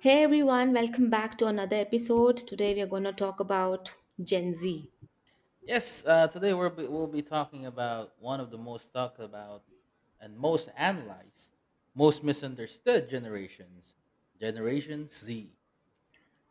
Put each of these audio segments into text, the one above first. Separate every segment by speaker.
Speaker 1: Hey everyone, welcome back to another episode. Today we are going to talk about Gen Z.
Speaker 2: Yes, today we'll be talking about one of the most talked about and most analyzed, most misunderstood generations, Generation Z.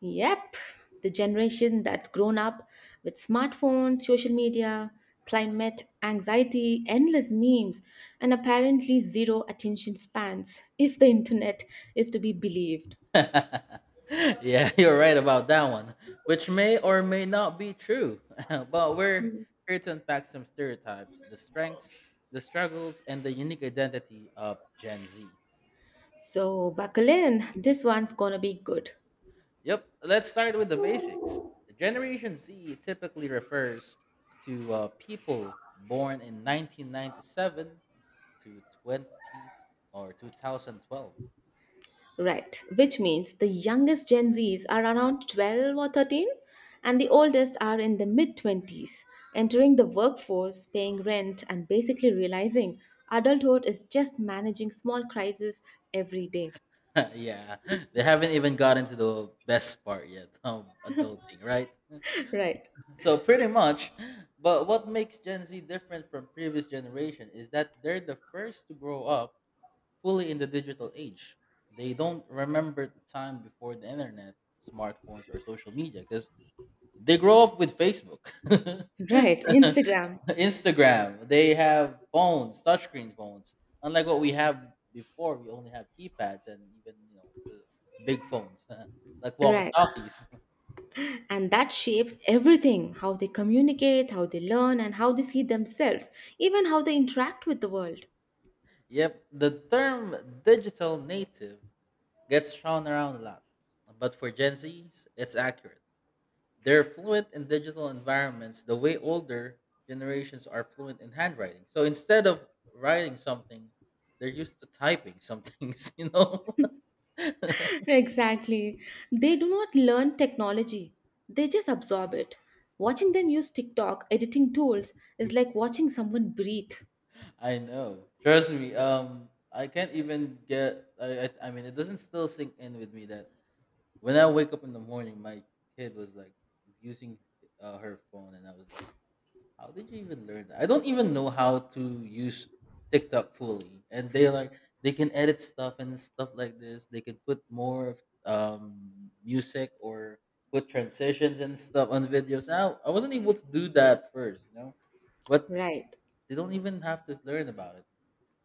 Speaker 1: Yep, the generation that's grown up with smartphones, social media, climate anxiety, endless memes, and apparently zero attention spans if the internet is to be believed.
Speaker 2: yeah, you're right about that one, which may or may not be true. but we're here to unpack some stereotypes, the strengths, the struggles, and the unique identity of Gen Z.
Speaker 1: So, buckle in, this one's going to be good.
Speaker 2: Yep. Let's start with the basics. Generation Z typically refers to people born in 1997 to 20 or 2012.
Speaker 1: Right, which means the youngest Gen Zs are around 12 or 13, and the oldest are in the mid 20s, entering the workforce, paying rent, and basically realizing adulthood is just managing small crises every day.
Speaker 2: yeah, they haven't even gotten to the best part yet of adulting, right?
Speaker 1: Right,
Speaker 2: So pretty much. But what makes Gen Z different from previous generation is that they're the first to grow up fully in the digital age. They don't remember the time before the internet, smartphones, or social media because they grow up with Facebook,
Speaker 1: right, Instagram.
Speaker 2: Instagram. They have phones, touchscreen phones. Unlike what we have before, we only have keypads and even the big phones, like
Speaker 1: Right,
Speaker 2: walkie-talkies.
Speaker 1: and that shapes everything: how they communicate, how they learn, and how they see themselves, even how they interact with the world.
Speaker 2: Yep, the term digital native gets thrown around a lot, but for Gen Zs, it's accurate. They're fluent in digital environments the way older generations are fluent in handwriting. So instead of writing something, they're used to typing some things, you know?
Speaker 1: Exactly. They do not learn technology, they just absorb it. Watching them use TikTok editing tools is like watching someone breathe.
Speaker 2: I know. Trust me. I can't even get. I mean, it doesn't still sink in with me that when I wake up in the morning, my kid was like using her phone, and I was like, how did you even learn that? I don't even know how to use TikTok fully. And they like they can edit stuff and stuff like this. They can put more of music or put transitions and stuff on videos. Now I wasn't able to do that first, you know. But
Speaker 1: Right.
Speaker 2: they don't even have to learn about it.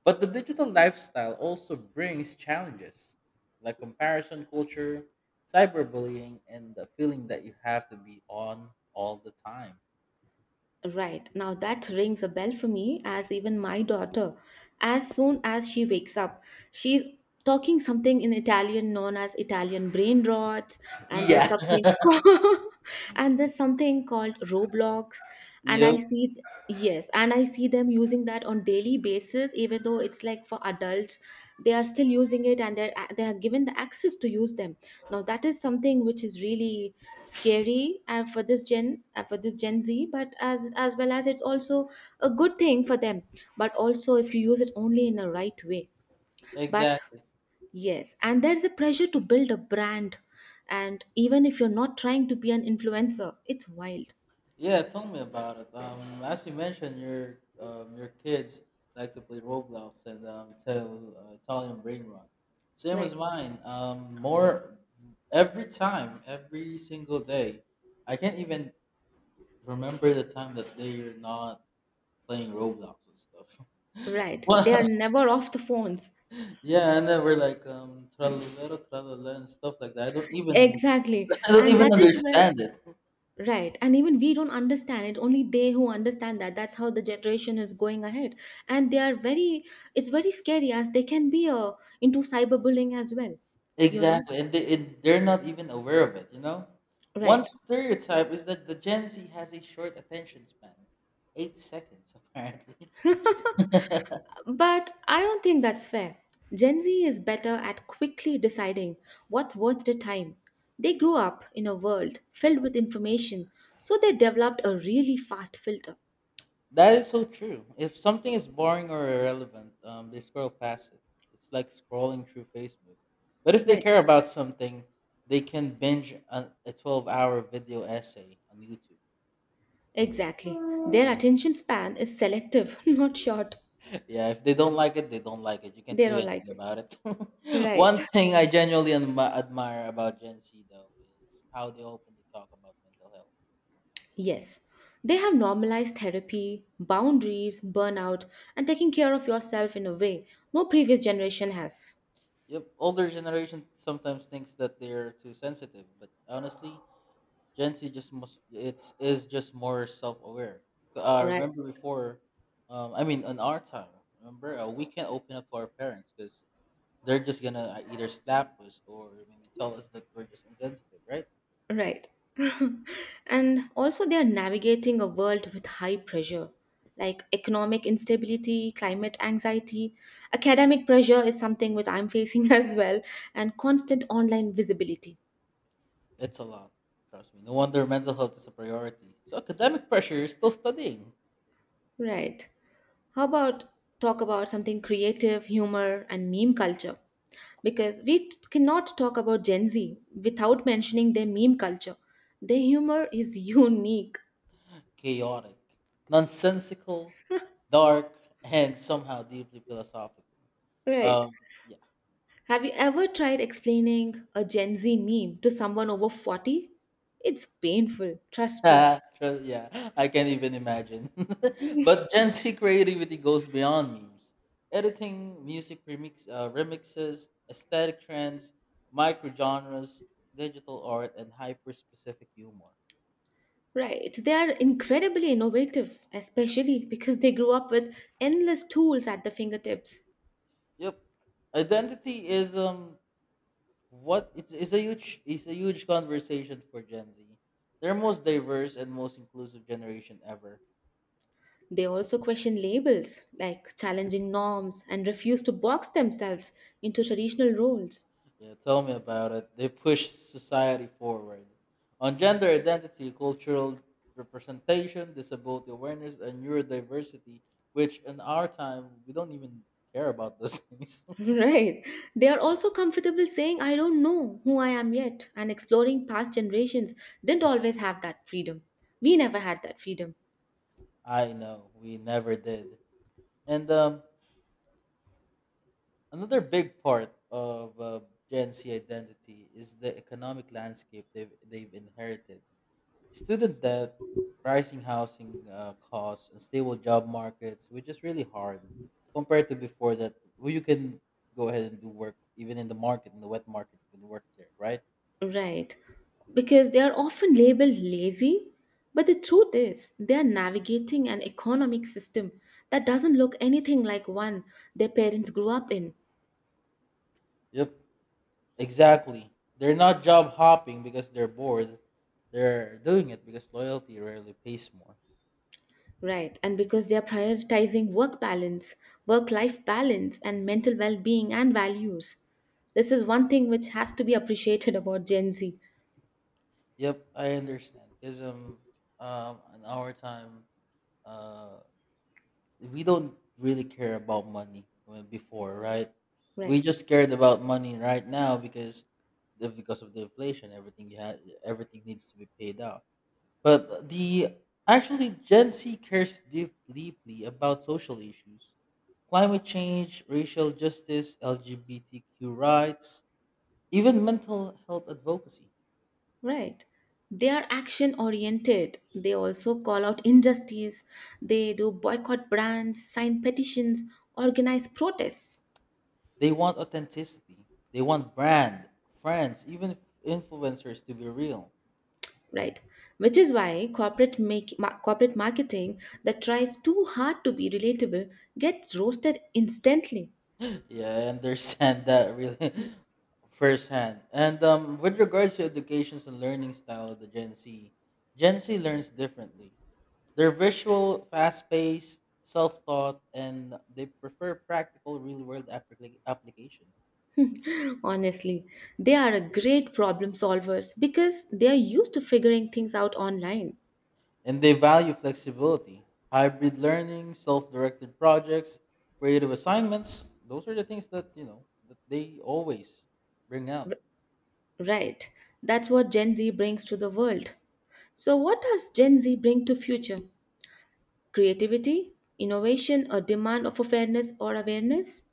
Speaker 2: But the digital lifestyle also brings challenges like comparison culture, cyberbullying, and the feeling that you have to be on all the time.
Speaker 1: Right. Now that rings a bell for me. As even my daughter, as soon as she wakes up, she's talking something in Italian known as Italian brain rots, and there's
Speaker 2: Yeah.
Speaker 1: something called, and there's something called Roblox, and
Speaker 2: Yep.
Speaker 1: I see, yes, and I see them using that on daily basis, even though it's like for adults, they are still using it and they are given the access to use them. Now that is something which is really scary for this gen, for this Gen Z, but as well as it's also a good thing for them, but also if you use it only in the right way. But
Speaker 2: Exactly.
Speaker 1: yes, and there's a pressure to build a brand, and even if you're not trying to be an influencer, it's wild.
Speaker 2: Yeah, tell me about it. As you mentioned, your kids like to play Roblox and Italian Ring Rock. Same
Speaker 1: Right,
Speaker 2: as mine. More every time, every single day. I can't even remember the time that they're not playing Roblox and stuff.
Speaker 1: right, they are
Speaker 2: Well,
Speaker 1: never off the phones.
Speaker 2: yeah, and then we're like tralalero, tralalero, and stuff like that. I don't even,
Speaker 1: Exactly,
Speaker 2: I don't
Speaker 1: and
Speaker 2: even
Speaker 1: that is where.
Speaker 2: understand it.
Speaker 1: Right. And even we don't understand it. Only they who understand that. That's how the generation is going ahead. And they are very, it's very scary as they can be into cyberbullying as well, you know?
Speaker 2: Exactly, and they're not even aware of it. You know, one
Speaker 1: Right.
Speaker 2: stereotype is that the Gen Z has a short attention span, 8 seconds apparently.
Speaker 1: But I don't think that's fair. Gen Z is better at quickly deciding what's worth the time. They grew up in a world filled with information, so they developed a really fast filter.
Speaker 2: That is so true. If something is boring or irrelevant, they scroll past it. It's like scrolling through Facebook. But if they
Speaker 1: Right.
Speaker 2: care about something, they can binge a 12-hour video essay on YouTube.
Speaker 1: Exactly. Their attention span is selective, not short.
Speaker 2: Yeah, if they don't like it, they don't like it. You can't
Speaker 1: They
Speaker 2: do
Speaker 1: don't
Speaker 2: anything
Speaker 1: like it.
Speaker 2: about it.
Speaker 1: Right.
Speaker 2: One thing I genuinely admire about Gen Z though is how they openly talk about mental health.
Speaker 1: Yes, they have normalized therapy, boundaries, burnout, and taking care of yourself in a way no previous generation has.
Speaker 2: Yep, older generation sometimes thinks that they're too sensitive, but honestly, Gen Z just must it's is just more self-aware.
Speaker 1: Right.
Speaker 2: Remember before, I mean, on our time, remember we can't open up to our parents because they're just gonna either slap us or maybe tell us that we're just insensitive, right?
Speaker 1: Right. and also, they are navigating a world with high pressure, like economic instability, climate anxiety. Academic pressure is something which I'm facing as well, and constant online visibility.
Speaker 2: It's a lot. Trust me. No wonder mental health is a priority. So academic pressure, you're still studying.
Speaker 1: Right. How about talk about something creative, humor, and meme culture? Because cannot talk about Gen Z without mentioning their meme culture. Their humor is unique,
Speaker 2: Chaotic, nonsensical, dark, and somehow deeply philosophical.
Speaker 1: right?
Speaker 2: Um,
Speaker 1: Have you ever tried explaining a Gen Z meme to someone over 40? It's painful, trust me.
Speaker 2: yeah, Trust- yeah, I can't even imagine. but Gen Z creativity goes beyond memes. Editing, music remix, remixes, aesthetic trends, micro genres, digital art, and hyper specific humor.
Speaker 1: Right, they are incredibly innovative, especially because they grew up with endless tools at their fingertips.
Speaker 2: Yep, identity is what it's a huge conversation for Gen Z. They're most diverse and most inclusive generation ever.
Speaker 1: They also question labels, like challenging norms, and refuse to box themselves into traditional roles.
Speaker 2: Yeah, tell me about it. They push society forward on gender identity, cultural representation, disability awareness, and neurodiversity. Which in our time we don't even care about those things.
Speaker 1: right. They are also comfortable saying, I don't know who I am yet, and exploring past generations didn't always have that freedom. We never had that freedom.
Speaker 2: I know we never did. And another big part of Gen Z identity is the economic landscape they've inherited. Student debt, rising housing costs, and stable job markets, which is really hard compared to before that well, you can go ahead and do work even in the market, in the wet market, you can work there, right?
Speaker 1: Right. Because they are often labeled lazy, but the truth is they are navigating an economic system that doesn't look anything like one their parents grew up in.
Speaker 2: Yep, exactly. They're not job hopping because they're bored. They're doing it because loyalty rarely pays more.
Speaker 1: Right, and because they are prioritizing work balance, work life balance, and mental well being and values. This is one thing which has to be appreciated about Gen Z.
Speaker 2: Yep, I understand. Because in our time, uh, we don't really care about money before, right? We
Speaker 1: Right,
Speaker 2: just cared about money right now because because of the inflation, everything you had, everything needs to be paid out. But the actually Gen Z cares deep, deeply about social issues, climate change, racial justice, LGBTQ rights, even mental health advocacy.
Speaker 1: right. They are action oriented. They also call out injustice. They do boycott brands, sign petitions, organize protests.
Speaker 2: They want authenticity. They want brand, friends, even influencers to be real.
Speaker 1: Right, which is why corporate corporate marketing that tries too hard to be relatable gets roasted instantly.
Speaker 2: Yeah, I understand that really firsthand. And with regards to educations and learning style of the Gen Z, Gen Z learns differently. They're visual, fast-paced, self-taught, and they prefer practical, real-world application.
Speaker 1: Honestly, they are a great problem solvers because they are used to figuring things out online.
Speaker 2: And they value flexibility, hybrid learning, self-directed projects, creative assignments. Those are the things that you know that they always bring out.
Speaker 1: Right. That's what Gen Z brings to the world. So what does Gen Z bring to future? Creativity, innovation, a demand of a fairness or awareness?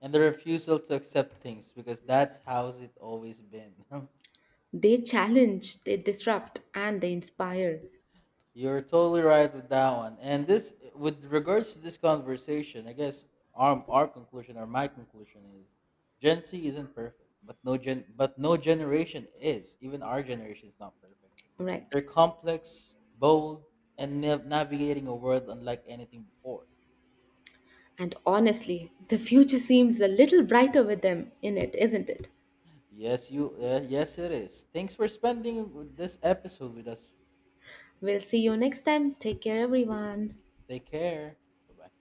Speaker 2: And the refusal to accept things because that's how's it always been.
Speaker 1: They challenge, they disrupt, and they inspire.
Speaker 2: You're totally right with that one. And this, with regards to this conversation, I guess our conclusion or my conclusion is, Gen Z isn't perfect, but no generation is. Even our generation is not perfect.
Speaker 1: Right.
Speaker 2: They're complex, bold, and navigating a world unlike anything before.
Speaker 1: And honestly, the future seems a little brighter with them in it, isn't it?
Speaker 2: Yes, you. Yes, it is. Thanks for spending this episode with us.
Speaker 1: We'll see you next time. Take care, everyone.
Speaker 2: Take care. Bye bye.